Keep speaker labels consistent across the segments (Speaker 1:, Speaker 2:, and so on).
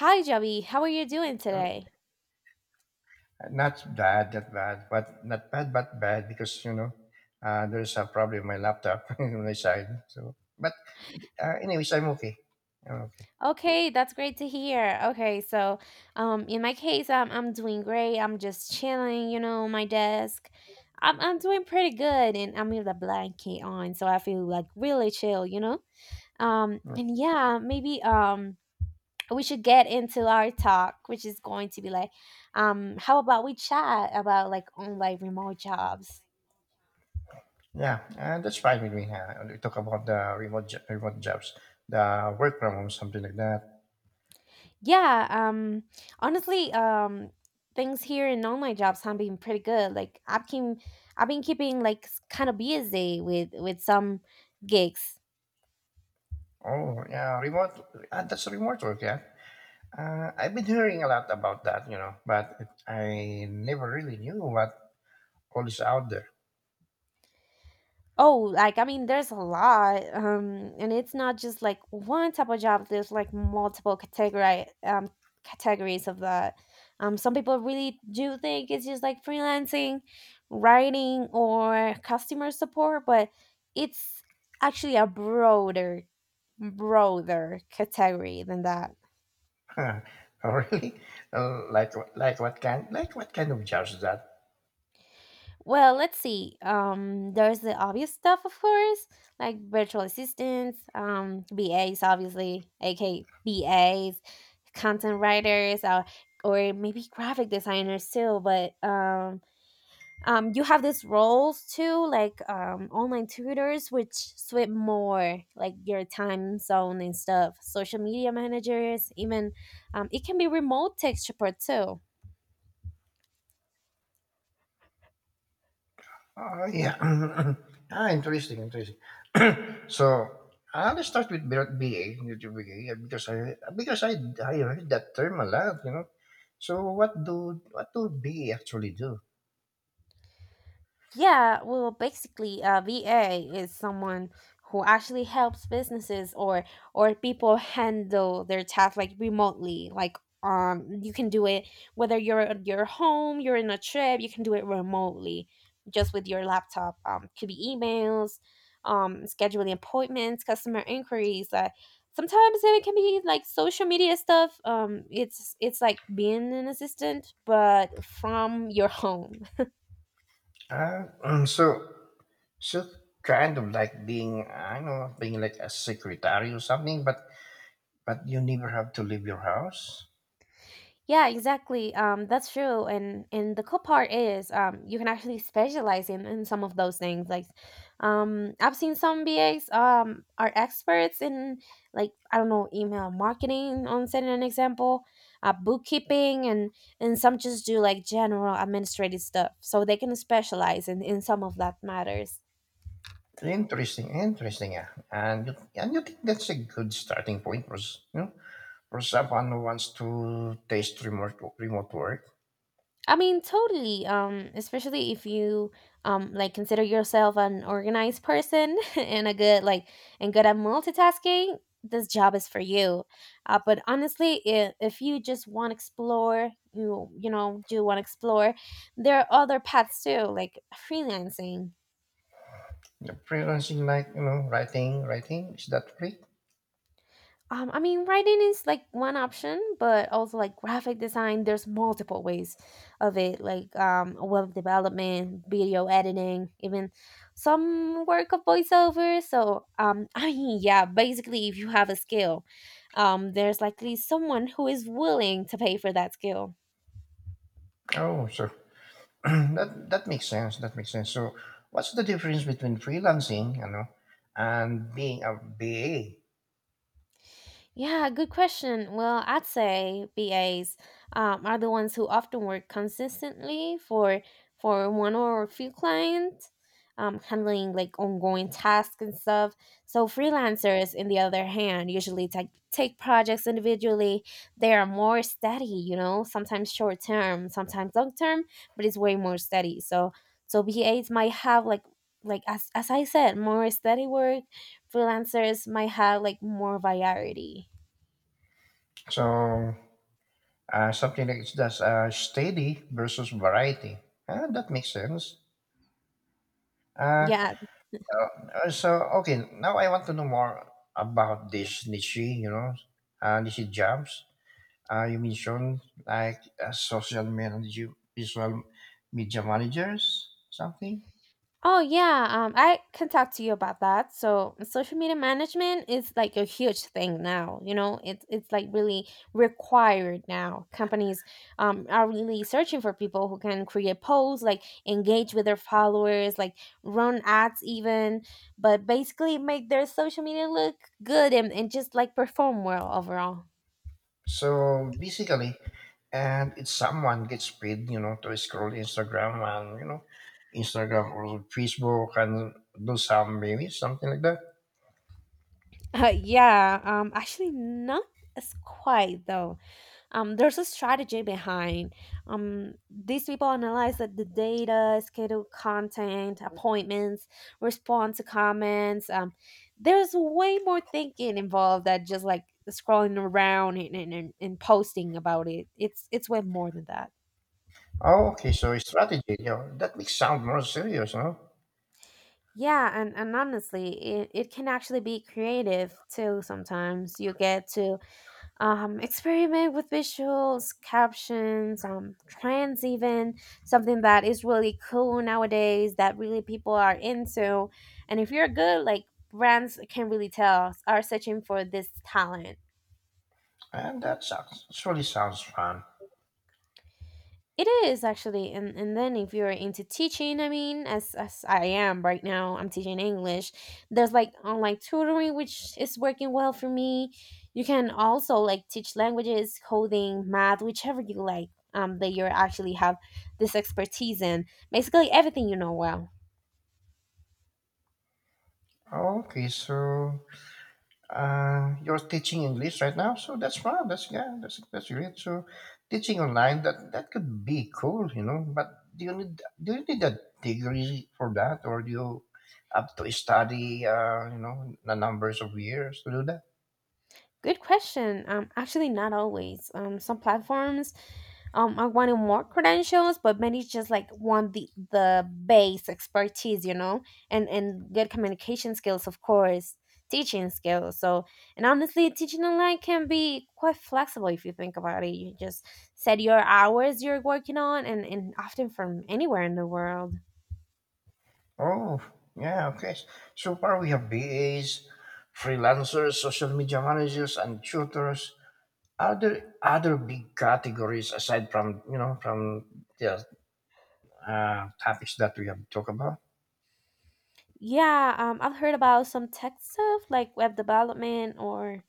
Speaker 1: Hi, Joey. How are you doing
Speaker 2: Uh,
Speaker 1: today?
Speaker 2: not bad, but bad because there's a problem with my laptop on my side. So, but anyways, I'm okay. I'm okay.
Speaker 1: Okay, that's great to hear. Okay, so in my case, I'm doing great. I'm just chilling, you know, on my desk. I'm doing pretty good, and I'm with a blanket on, so I feel like really chill, you know?
Speaker 2: Mm.
Speaker 1: And yeah, maybe we should get into our talk, which is going to be like, how about we chat about like online remote jobs?
Speaker 2: Yeah, that's fine with me. We talk about the remote jobs, the work from home, something like that.
Speaker 1: Yeah, honestly, things here in all my jobs have been pretty good. Like I've been keeping like kind of busy with some gigs.
Speaker 2: Oh, yeah, remote. That's remote work. Yeah, I've been hearing a lot about that, you know, but I never really knew what all is out there.
Speaker 1: Oh, like I mean, there's a lot, and it's not just like one type of job. There's like multiple category categories of that. Some people really do think it's just like freelancing, writing, or customer support, but it's actually a broader category than that.
Speaker 2: Huh, really? Like what kind of jars is that?
Speaker 1: Well, let's see. There's the obvious stuff, of course, like virtual assistants, BAs, obviously, aka BAs, content writers, or maybe graphic designers too. But you have these roles too, like online tutors, which suit more like your time zone and stuff. Social media managers, even it can be remote tech support too.
Speaker 2: Oh yeah. Interesting, interesting. So I'll start with BA, BA, because I heard that term a lot, you know. So what do BA actually do?
Speaker 1: Yeah, well, basically, a VA is someone who actually helps businesses or people handle their tasks like remotely. Like, you can do it whether you're at your home, you're in a trip, you can do it remotely, just with your laptop. Could be emails, scheduling appointments, customer inquiries. Like, sometimes it can be like social media stuff. It's like being an assistant, but from your home.
Speaker 2: Uh, mm, so so kind of like being, I don't know, being like a secretary or something, but you never have to leave your house.
Speaker 1: Yeah, exactly. That's true. And the cool part is, you can actually specialize in some of those things. Like, I've seen some BAs are experts in like I don't know email marketing on setting an example, bookkeeping, and some just do like general administrative stuff. So they can specialize in some of that matters.
Speaker 2: Interesting, interesting. Yeah, and you think that's a good starting point for you know, for someone who wants to taste remote work.
Speaker 1: I mean, totally. Especially if you like consider yourself an organized person and a good like and good at multitasking, this job is for you. But honestly, if you just want to explore, you want to explore, there are other paths too, like freelancing.
Speaker 2: The freelancing, like you know, writing, writing, is that free?
Speaker 1: I mean, writing is like one option, but also like graphic design, there's multiple ways of it, like web development, video editing, even some work of voiceover. So, I mean, yeah, basically, if you have a skill, there's likely someone who is willing to pay for that skill.
Speaker 2: Oh, so that makes sense. That makes sense. So, what's the difference between freelancing, you know, and being a BA?
Speaker 1: Yeah, good question. Well, I'd say BAs are the ones who often work consistently for one or a few clients, handling like ongoing tasks and stuff. So freelancers, in the other hand, usually take projects individually. They are more steady, you know, sometimes short term, sometimes long term, but it's way more steady. So BAs might have like as I said, more steady work. Freelancers might have like more variety.
Speaker 2: So, something like it's just steady versus variety. Ah, that makes sense. Uh,
Speaker 1: Yeah.
Speaker 2: so okay, now I want to know more about this niche, you know, niche jobs. You mentioned like social manager, visual media managers, something.
Speaker 1: Oh, yeah. I can talk to you about that. So, social media management is like a huge thing now. You know, it's like really required now. Companies are really searching for people who can create posts, like engage with their followers, like run ads, even, but basically make their social media look good and just like perform well overall.
Speaker 2: So basically, and it's someone gets paid, you know, to scroll Instagram and you know, Instagram or Facebook and do some maybe something like that.
Speaker 1: Yeah. Actually, not as quite though. There's a strategy behind. These people analyze that the data, schedule content, appointments, respond to comments. There's way more thinking involved than just like scrolling around and posting about it. It's way more than that.
Speaker 2: Oh, okay, so strategy, you know, that makes sound more serious, no?
Speaker 1: Yeah, and honestly, it can actually be creative too sometimes. You get to experiment with visuals, captions, trends, even something that is really cool nowadays that really people are into. And if you're good, like brands can really tell are searching for this talent.
Speaker 2: And that sounds, surely sounds fun.
Speaker 1: It is actually, and then if you're into teaching, I mean, as I am right now, I'm teaching English. There's like online tutoring, which is working well for me. You can also like teach languages, coding, math, whichever you like. That you actually have this expertise in, basically everything you know well.
Speaker 2: Okay, so you're teaching English right now, so that's fun. That's, yeah, that's great. So teaching online, that could be cool, you know. But do you need a degree for that, or do you have to study, you know, the numbers of years to do that?
Speaker 1: Good question. Actually, not always. Some platforms are wanting more credentials, but many just like want the base expertise, you know, and good communication skills, of course, teaching skills. So, and honestly, teaching online can be quite flexible if you think about it. You just set your hours you're working on, and often from anywhere in the world.
Speaker 2: Oh, yeah, okay. So far we have BAs, freelancers, social media managers, and tutors. Are there other big categories aside from you know from the topics that we have talked about?
Speaker 1: Yeah, I've heard about some tech stuff like web development or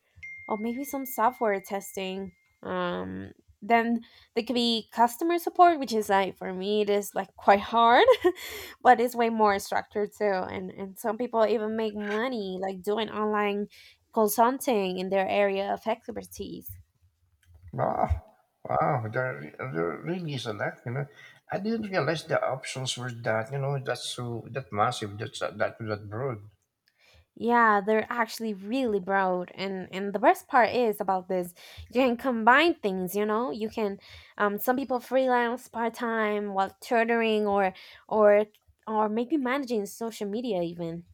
Speaker 1: maybe some software testing. Um, then there could be customer support, which is like for me it is like quite hard, but it's way more structured too. And some people even make money like doing online consulting in their area of expertise.
Speaker 2: Wow, wow, there really is a lot. You know, I didn't realize the options were that. You know, that's so that massive. That's that broad.
Speaker 1: Yeah, they're actually really broad, and the best part is about this, you can combine things. You know, some people freelance part time while tutoring or or maybe managing social media even.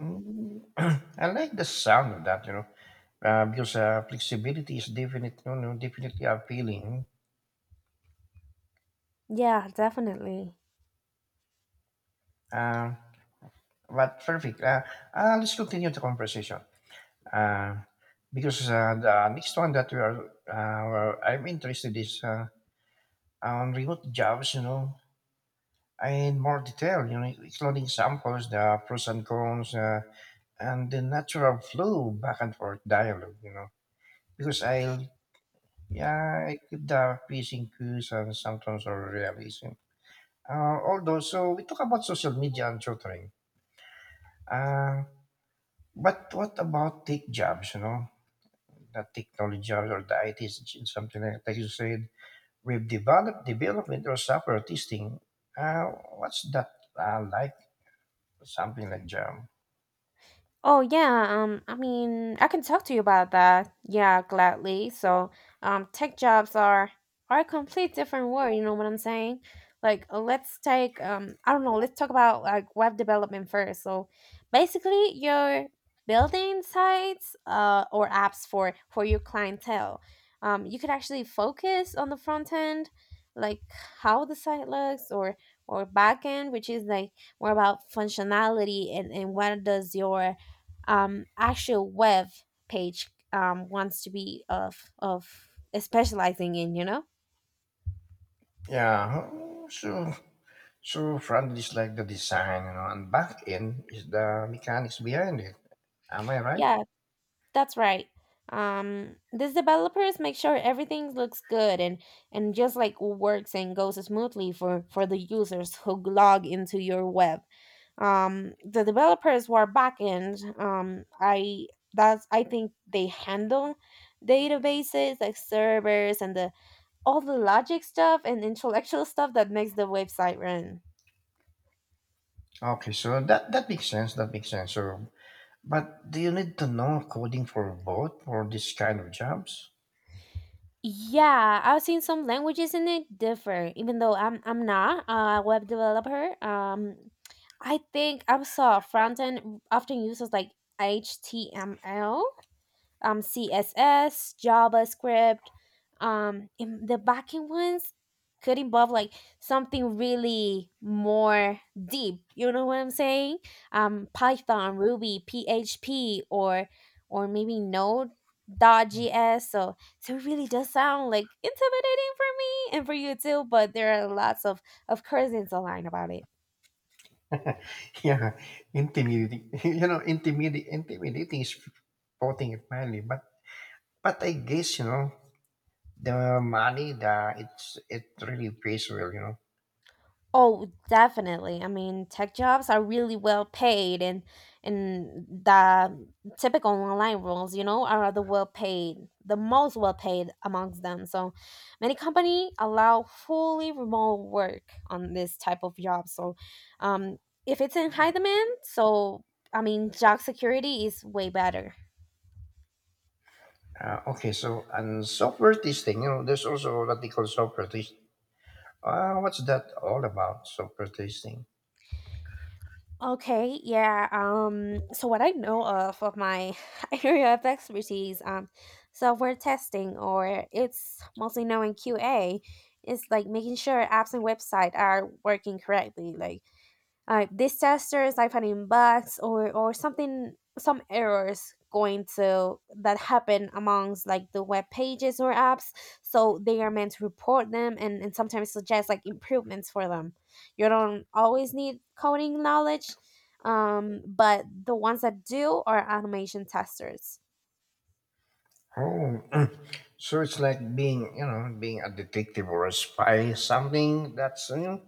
Speaker 2: Mm, I like the sound of that. You know, because flexibility is definitely, you know, definitely appealing.
Speaker 1: Yeah, definitely.
Speaker 2: Uh, but perfect. Let's continue the conversation. Uh, because the next one that we are, I'm interested is on remote jobs. You know, in more detail, you know, including samples, the pros and cons, and the natural flow back and forth dialogue, you know. Because I'll, yeah, I keep the pacing cues and sometimes or realism. Although, so we talk about social media and tutoring. Uh, but what about tech jobs, you know, the technology jobs or the ITs something like that you said, we've developed development or software testing. Uh, what's that like? Something like job.
Speaker 1: Oh yeah, I mean, I can talk to you about that. Yeah, gladly. So, tech jobs are a complete different world. You know what I'm saying? Like, let's take I don't know. Let's talk about like web development first. So, basically, you're building sites, or apps for your clientele. You could actually focus on the front end, like how the site looks, or back end, which is like more about functionality and what does your actual web page wants to be of specializing in, you know.
Speaker 2: Yeah, oh, so so front is like the design, you know, and back end is the mechanics behind it. Am I right?
Speaker 1: Yeah, that's right. These developers make sure everything looks good and just like works and goes smoothly for the users who log into your web. The developers who are backend, I that's I think they handle databases like servers and the all the logic stuff and intellectual stuff that makes the website run.
Speaker 2: Okay, so that makes sense. That makes sense. So, but do you need to know coding for both for this kind of jobs?
Speaker 1: Yeah, I've seen some languages in it differ, even though I'm not a web developer. I think I saw front end often uses like HTML, css javascript, in the backend ones could involve like something really more deep, you know what I'm saying, python ruby php or maybe node dot js. So it really does sound like intimidating for me and for you too, but there are lots of curtains online about it.
Speaker 2: Yeah, intimidating. You know, intimidating. Intimidating is putting it mildly. But I guess you know the money. The it's it really pays well. You know.
Speaker 1: Oh, definitely. I mean, tech jobs are really well paid, and the typical online roles, you know, are the well paid, the most well paid amongst them. So, many company allow fully remote work on this type of job. So, um, if it's in high demand, so I mean, job security is way better.
Speaker 2: Okay, so and software testing. You know, there's also what they call software testing. What's that all about? Software tasting.
Speaker 1: Okay, yeah. So what I know of my area of expertise, software testing, or it's mostly known in QA, is like making sure apps and website are working correctly. Like these testers I found bugs or something some errors going to that happen amongst like the web pages or apps, so they are meant to report them, and sometimes suggest like improvements for them. You don't always need coding knowledge, but the ones that do are automation testers.
Speaker 2: Oh, so it's like being, you know, being a detective or a spy, something that's new,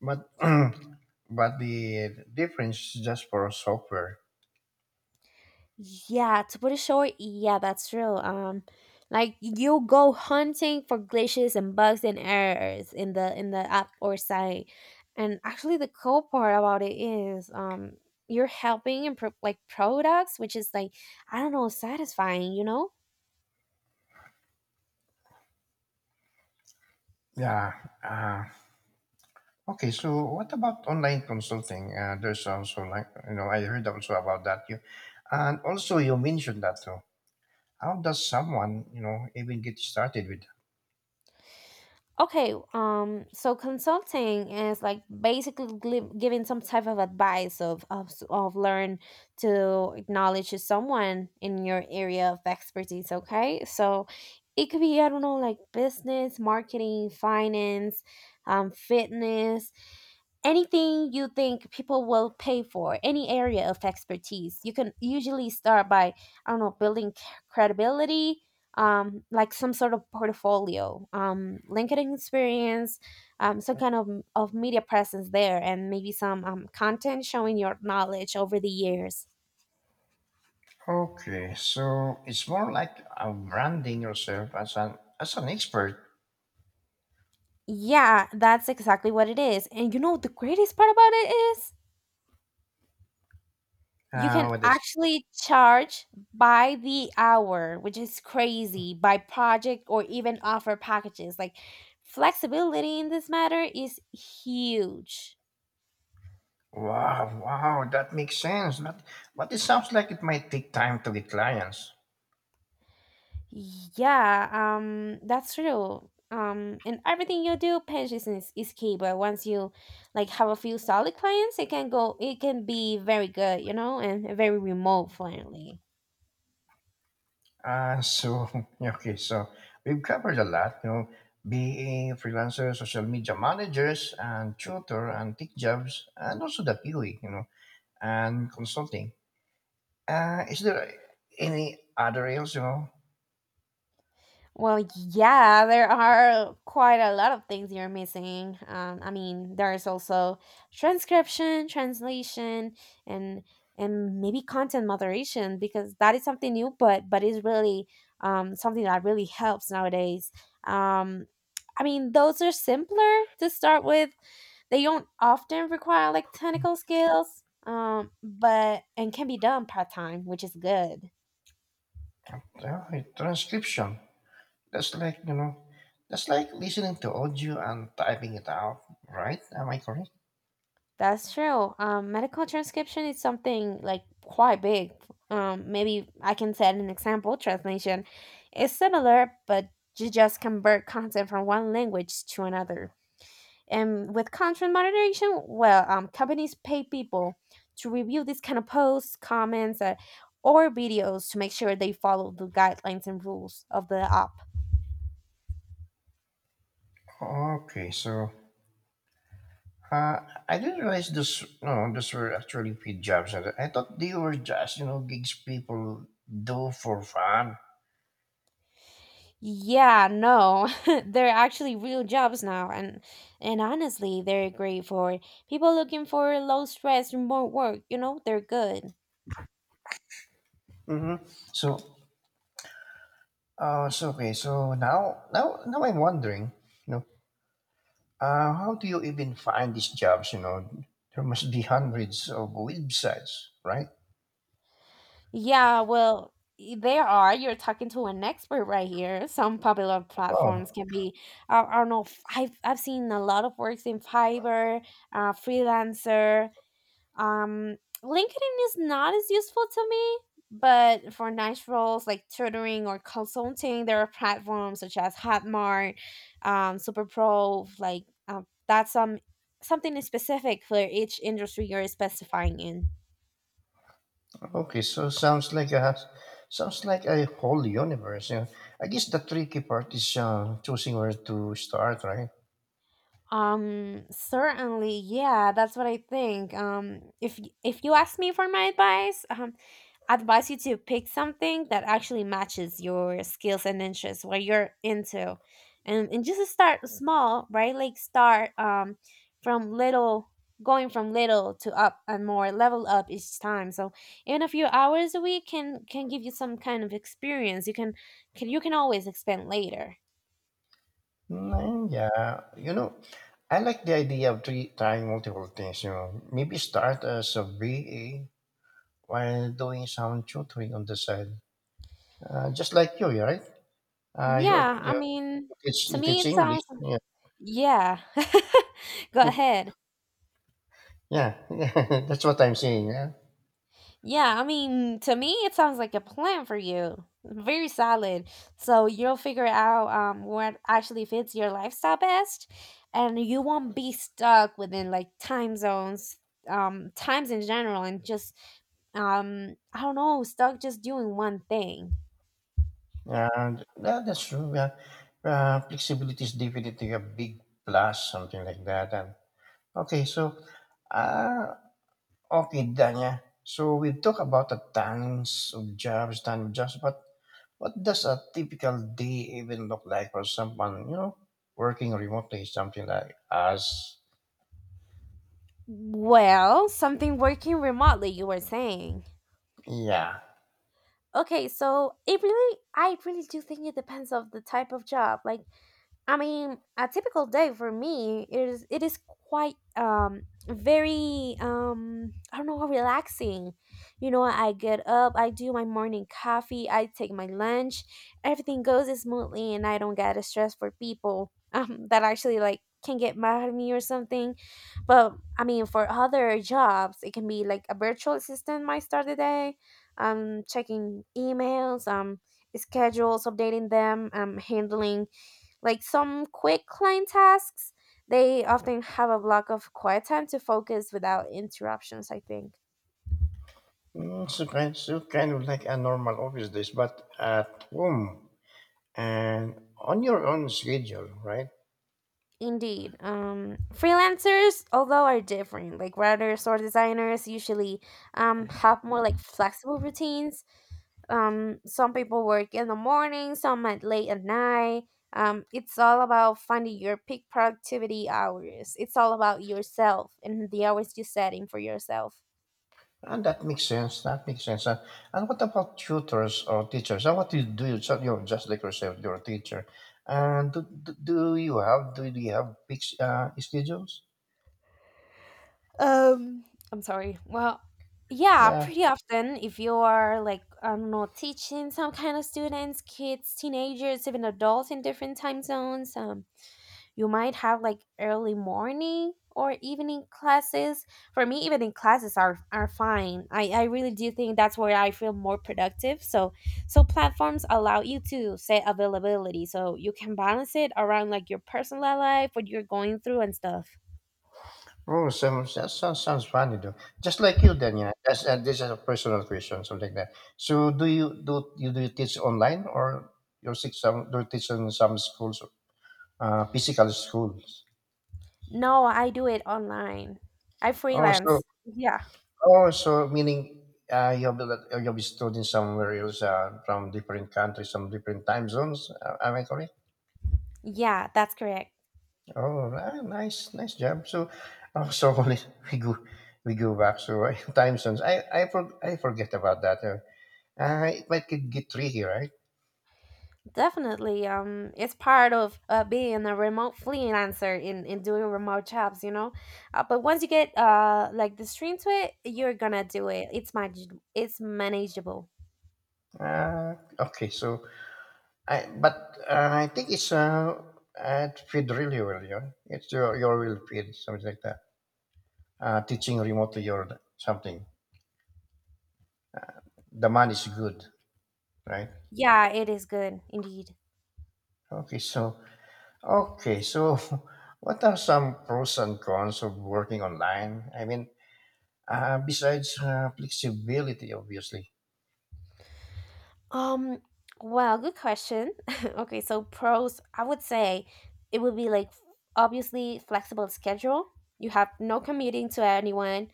Speaker 2: but but the difference is just for software.
Speaker 1: Yeah, to put it short, yeah, that's true. Like you go hunting for glitches and bugs and errors in the app or site, and actually the cool part about it is you're helping improve like products, which is like I don't know, satisfying, you know?
Speaker 2: Yeah. Uh, okay. So what about online consulting? There's also like you know I heard also about that you, and also you mentioned that too. How does someone you know even get started with?
Speaker 1: Okay, so consulting is like basically giving some type of advice of learn to acknowledge to someone in your area of expertise. Okay, so it could be I don't know like business, marketing, finance, fitness, anything you think people will pay for, any area of expertise. You can usually start by I don't know building credibility, like some sort of portfolio, LinkedIn experience, some kind of media presence there, and maybe some content showing your knowledge over the years.
Speaker 2: Okay, so it's more like branding yourself as an expert.
Speaker 1: Yeah, that's exactly what it is. And you know, the greatest part about it is you can
Speaker 2: What is?
Speaker 1: actually charge by the hour, which is crazy, by project, or even offer packages. Like, flexibility in this matter is huge.
Speaker 2: Wow, wow, that makes sense. But it sounds like it might take time to get clients.
Speaker 1: Yeah, that's true. And everything you do, patience is key. But once you like have a few solid clients, it can go. It can be very good, you know, and very remote friendly.
Speaker 2: So okay, so we've covered a lot. You know, being freelancer, social media managers, and tutor, and tech jobs, and also the PUI, you know, and consulting. Is there any other areas? You know,
Speaker 1: Well, yeah, there are quite a lot of things you're missing. There's also transcription, translation, and and maybe content moderation because that is something new, but it's really something that really helps nowadays. Um, those are simpler to start with. They don't often require like technical skills, but and can be done part time, which is good.
Speaker 2: transcription, that's like, you know, that's like listening to audio and typing it out, right? Am I correct?
Speaker 1: That's true. Medical transcription is something like quite big. Maybe I can set an example. Translation is similar, but you just convert content from one language to another. And with content moderation, well, companies pay people to review these kind of posts, comments, or videos to make sure they follow the guidelines and rules of the app.
Speaker 2: Okay, so uh, I didn't realize this. No, this were actually paid jobs. I thought they were just you know gigs people do for fun.
Speaker 1: Yeah, no. They're actually real jobs now and honestly, they're great for people looking for low stress remote work, you know? They're good.
Speaker 2: Hmm. So, so okay. So now I'm wondering, you know, how do you even find these jobs? You know, there must be hundreds of websites, right?
Speaker 1: Yeah, well, there are. You're talking to an expert right here. Some popular platforms
Speaker 2: Oh,
Speaker 1: can be I don't know. I've seen a lot of works in Fiverr, freelancer. Um, LinkedIn is not as useful to me, but for niche roles like tutoring or consulting, there are platforms such as Hotmart, SuperPro, like that's something specific for each industry you're specifying in.
Speaker 2: okay, so sounds like a whole universe. Yeah. I guess the tricky part is choosing where to start, right?
Speaker 1: Certainly, yeah, that's what I think. If if you ask me for my advice, I advise you to pick something that actually matches your skills and interests, what you're into, and just start small, right? Like start from little, going from little to up and more level up each time. So even a few hours a week can give you some kind of experience. You can always expand later.
Speaker 2: Mm, yeah, you know, I like the idea of three, trying multiple things. You know, maybe start as a VA while doing some tutoring on the side, just like you, yeah, right? Uh, you're
Speaker 1: Yeah, I
Speaker 2: you
Speaker 1: mean,
Speaker 2: teach,
Speaker 1: to
Speaker 2: you
Speaker 1: me
Speaker 2: teach
Speaker 1: it
Speaker 2: English,
Speaker 1: sounds.
Speaker 2: yeah.
Speaker 1: Yeah. Go ahead.
Speaker 2: Yeah. That's what I'm saying. Yeah.
Speaker 1: Yeah, I mean, to me, it sounds like a plan for you. Very solid. So you'll figure out what actually fits your lifestyle best, and you won't be stuck within like time zones, times in general, and just I don't know, stuck just doing one thing.
Speaker 2: And that, that's true. Yeah. Flexibility is definitely a big plus, something like that. And okay, so uh, okay, Danya. So we've talked about the tons of jobs, but what does a typical day even look like for someone, you know, working remotely, something like us?
Speaker 1: Well, something working remotely, you were saying.
Speaker 2: Yeah.
Speaker 1: Okay, so it really, I really do think it depends of the type of job. Like, I mean, a typical day for me is it is quite very I don't know relaxing. You know, I get up, I do my morning coffee, I take my lunch, everything goes smoothly, and I don't get stressed for people that actually like can get mad at me or something. But I mean, for other jobs, it can be like a virtual assistant might start the day, checking emails, schedules, updating them, handling like some quick client tasks, they often have a block of quiet time to focus without interruptions, I think.
Speaker 2: Mm, so kind, so kind of like a normal office days, but at home and on your own schedule, right?
Speaker 1: Indeed. Freelancers, although, are different. Like writers or designers usually have more like flexible routines. Some people work in the morning, some at late at night. It's all about finding your peak productivity hours. It's all about yourself and the hours you're setting for yourself.
Speaker 2: And that makes sense. That makes sense. And what about tutors or teachers? And what do? You, so you're just like yourself, you're a teacher. And do you have fixed schedules?
Speaker 1: Um, Yeah,
Speaker 2: Yeah.
Speaker 1: pretty often, if you are like, I don't know, teaching some kind of students, kids, teenagers, even adults in different time zones, you might have like early morning or evening classes. For me, evening classes are fine. I really do think that's where I feel more productive. So platforms allow you to set availability so you can balance it around like your personal life, what you're going through and stuff.
Speaker 2: Oh, some, that sounds, sounds funny though. Just like you, then, yeah. That's, this is a personal question, something like that. So, do you teach online or you teach some do you teach in some schools, physical schools?
Speaker 1: No, I do it online. I
Speaker 2: Oh, so
Speaker 1: freelance. Yeah.
Speaker 2: oh, so meaning you'll be you'll be studying somewhere else from different countries, some different time zones. Am I correct?
Speaker 1: Yeah, that's correct.
Speaker 2: Oh, ah, nice, nice job. So, oh, so only we go we go back to time zones. I forget about that. It might get tricky, right?
Speaker 1: Definitely. It's part of being a remote freelancer in doing remote jobs, you know. But once you get like the stream to it, you're gonna do it. It's manageable.
Speaker 2: Okay, so I but I think it's it fit really well. Yeah, it's your will fit something like that. Teaching remotely or something. The man is good, right?
Speaker 1: Yeah, it is good indeed.
Speaker 2: Okay, so okay, so what are some pros and cons of working online? I mean, besides flexibility, obviously.
Speaker 1: Um, well, good question. Okay, so pros, I would say it would be like obviously flexible schedule. You have no commuting to anyone.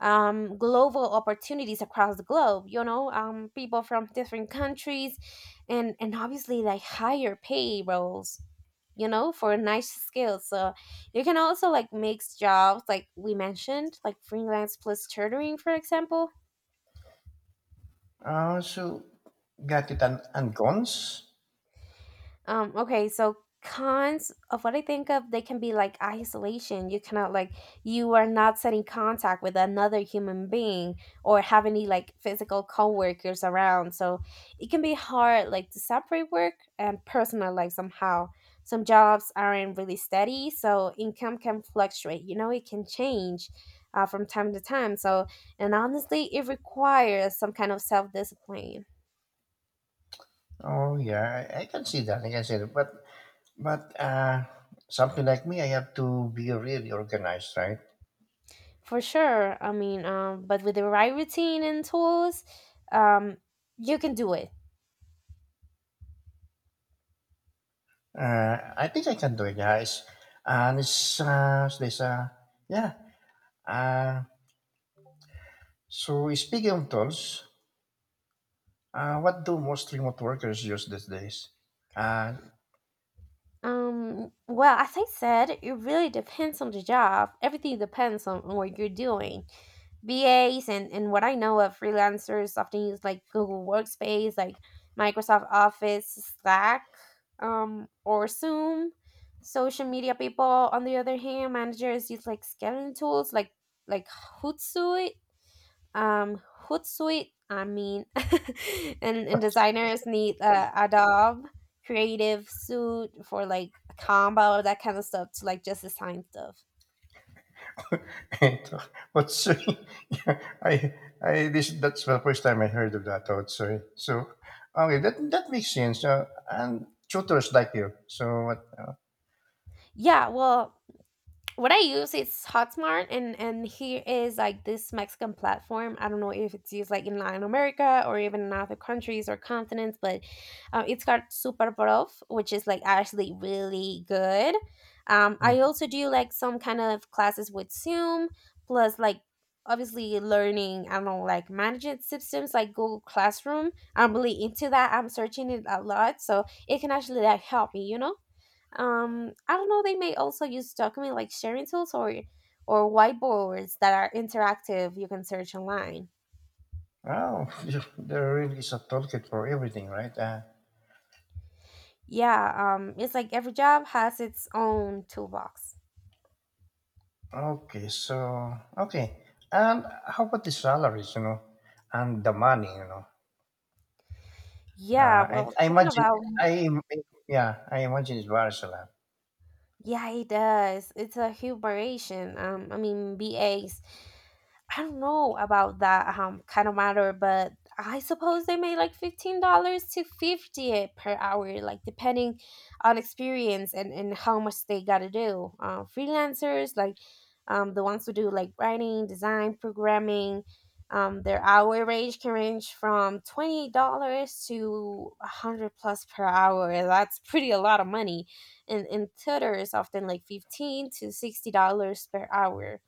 Speaker 1: Global opportunities across the globe, you know, people from different countries and obviously like higher pay roles, you know, for nice skills. So you can also like mix jobs like we mentioned, like freelance plus tutoring, for example.
Speaker 2: So got it, and cons?
Speaker 1: Okay, so cons of what I think of, they can be like isolation. You cannot like you are not setting contact with another human being or have any like physical coworkers around. So it can be hard like to separate work and personal life somehow. Some jobs aren't really steady, so income can fluctuate. You know, it can change from time to time. So, and honestly, it requires some kind of self discipline.
Speaker 2: Oh yeah, I can see that. I can see that. But something like me, I have to be really organized, right?
Speaker 1: For sure. I mean, but with the right routine and tools, um, you can do it.
Speaker 2: I think I can do it, guys. And it's there's yeah. Uh, so speaking of tools, what do most remote workers use these days? Uh,
Speaker 1: Well, as I said, it really depends on the job. Everything depends on what you're doing. BAs and what I know of freelancers often use like Google Workspace, like Microsoft Office, Slack, or Zoom. Social media people, on the other hand, managers use like scheduling tools like Hootsuite. Um, Hootsuite, I mean, and designers need Adobe Creative Suite for like combo, that kind of stuff to like just design stuff.
Speaker 2: Otsui. Yeah, that's the first time I heard of that, Otsui. So, okay, that, that makes sense. And tutors like you. So, what?
Speaker 1: Yeah, well, what I use is Hotmart, and here is like this Mexican platform. I don't know if it's used like in Latin America or even in other countries or continents, but it's got Super Prof, which is like actually really good. I
Speaker 2: Mm.
Speaker 1: also do like some kind of classes with Zoom, plus like obviously learning. I don't know like management systems like Google Classroom. I'm really into that. I'm searching it a lot, so it can actually like help me, you know. I don't know they may also use document like sharing tools or whiteboards that are interactive. You can search online.
Speaker 2: Oh, you- there really is a toolkit for everything, right?
Speaker 1: Yeah, it's like every job has its own toolbox.
Speaker 2: Okay, so, okay. And how about the salaries, you know, and the money, you know?
Speaker 1: Yeah,
Speaker 2: Uh, I,
Speaker 1: well,
Speaker 2: I
Speaker 1: talking
Speaker 2: imagine,
Speaker 1: about.
Speaker 2: I, yeah, I imagine it varies a
Speaker 1: Yeah, it does. It's a humiliation. I mean, BAs. I don't know about that kind of matter, but I suppose they make like $15 to 50 per hour, like depending on experience and how much they gotta do. Freelancers, like the ones who do like writing, design, programming, their hour range can range from $20 to 100 plus per hour. That's pretty a lot of money and tutor is often like 15 to 60 dollars per hour.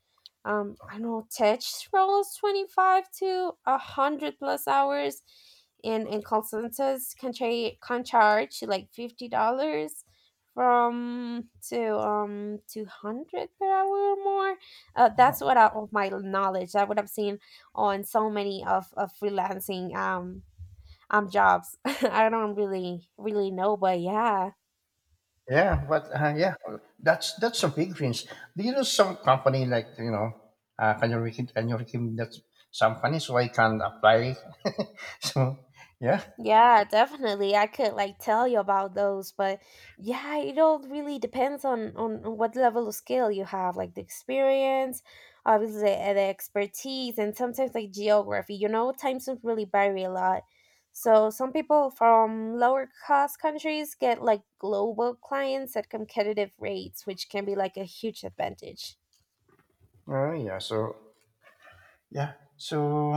Speaker 1: I know tech roles 25 to 100 plus hours. And call centers can, can charge like 50 dollars from to 200 per hour or more. Uh, that's
Speaker 2: lot.
Speaker 1: what I, of my knowledge that what I've seen on so many of freelancing jobs. I don't really know but yeah.
Speaker 2: Yeah, but yeah, that's a big range. Do you know some company like you know, can you recommend that some funny so I can apply? So yeah,
Speaker 1: Yeah, definitely. I could like tell you about those, but yeah, it all really depends on on what level of skill you have, like the experience, obviously the expertise, and sometimes like geography. You know, time zones really vary a lot. So some people from lower cost countries get like global clients at competitive rates, which can be like a huge advantage.
Speaker 2: oh yeah, so yeah, so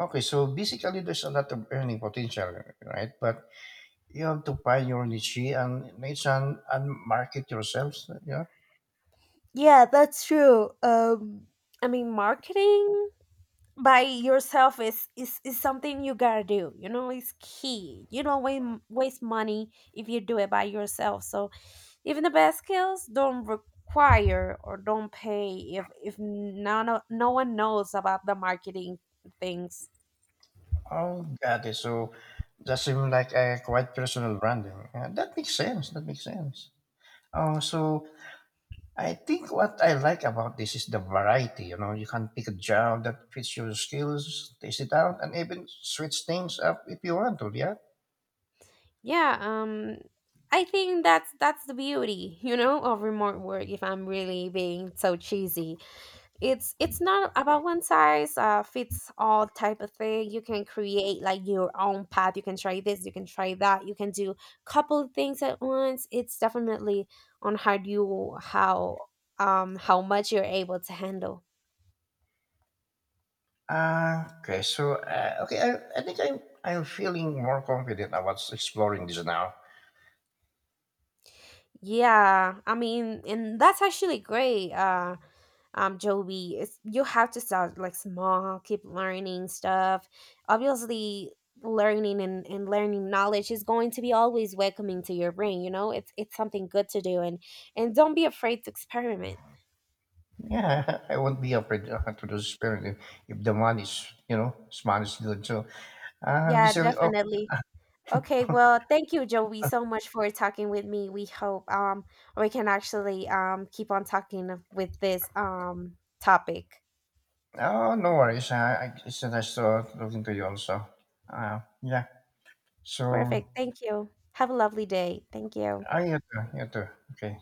Speaker 2: okay, so basically there's a lot of earning potential, right? But you have to find your niche and niche, and market yourselves. Yeah.
Speaker 1: Yeah, that's true. I mean, marketing by yourself is something you gotta do, you know. It's key. You don't waste money if you do it by yourself. So even the best skills don't require or don't pay if none o- no one knows about the marketing things.
Speaker 2: Oh, got it. So that seems like a quite personal branding. Yeah, that makes sense. That makes sense. Oh, so I think what I like about this is the variety. You know, you can pick a job that fits your skills, test it out, and even switch things up if you want to. Yeah.
Speaker 1: Yeah, I think that's the beauty, you know, of remote work, if I'm really being so cheesy. It's not about one size fits all type of thing. You can create like your own path. You can try this, you can try that, you can do couple things at once. It's definitely on how you how much you're able to handle.
Speaker 2: Okay. So, okay. I think I'm feeling more confident about exploring this now.
Speaker 1: Yeah, I mean, and that's actually great. Joby, it's, you have to start like small, keep learning stuff. Obviously, learning and learning knowledge is going to be always welcoming to your brain. You know, it's something good to do, and don't be afraid to experiment.
Speaker 2: Yeah, I won't be afraid to do experiment if the money is, you know, is money is good. So, uh,
Speaker 1: Yeah,
Speaker 2: basically, oh,
Speaker 1: definitely. Okay, well, thank you, Joey, so much for talking with me. We hope we can actually keep on talking with this topic.
Speaker 2: oh, no worries. It's nice to talking to you also. Yeah. So,
Speaker 1: Perfect. Thank you. Have a lovely day. Thank you.
Speaker 2: I you too. You too. Okay.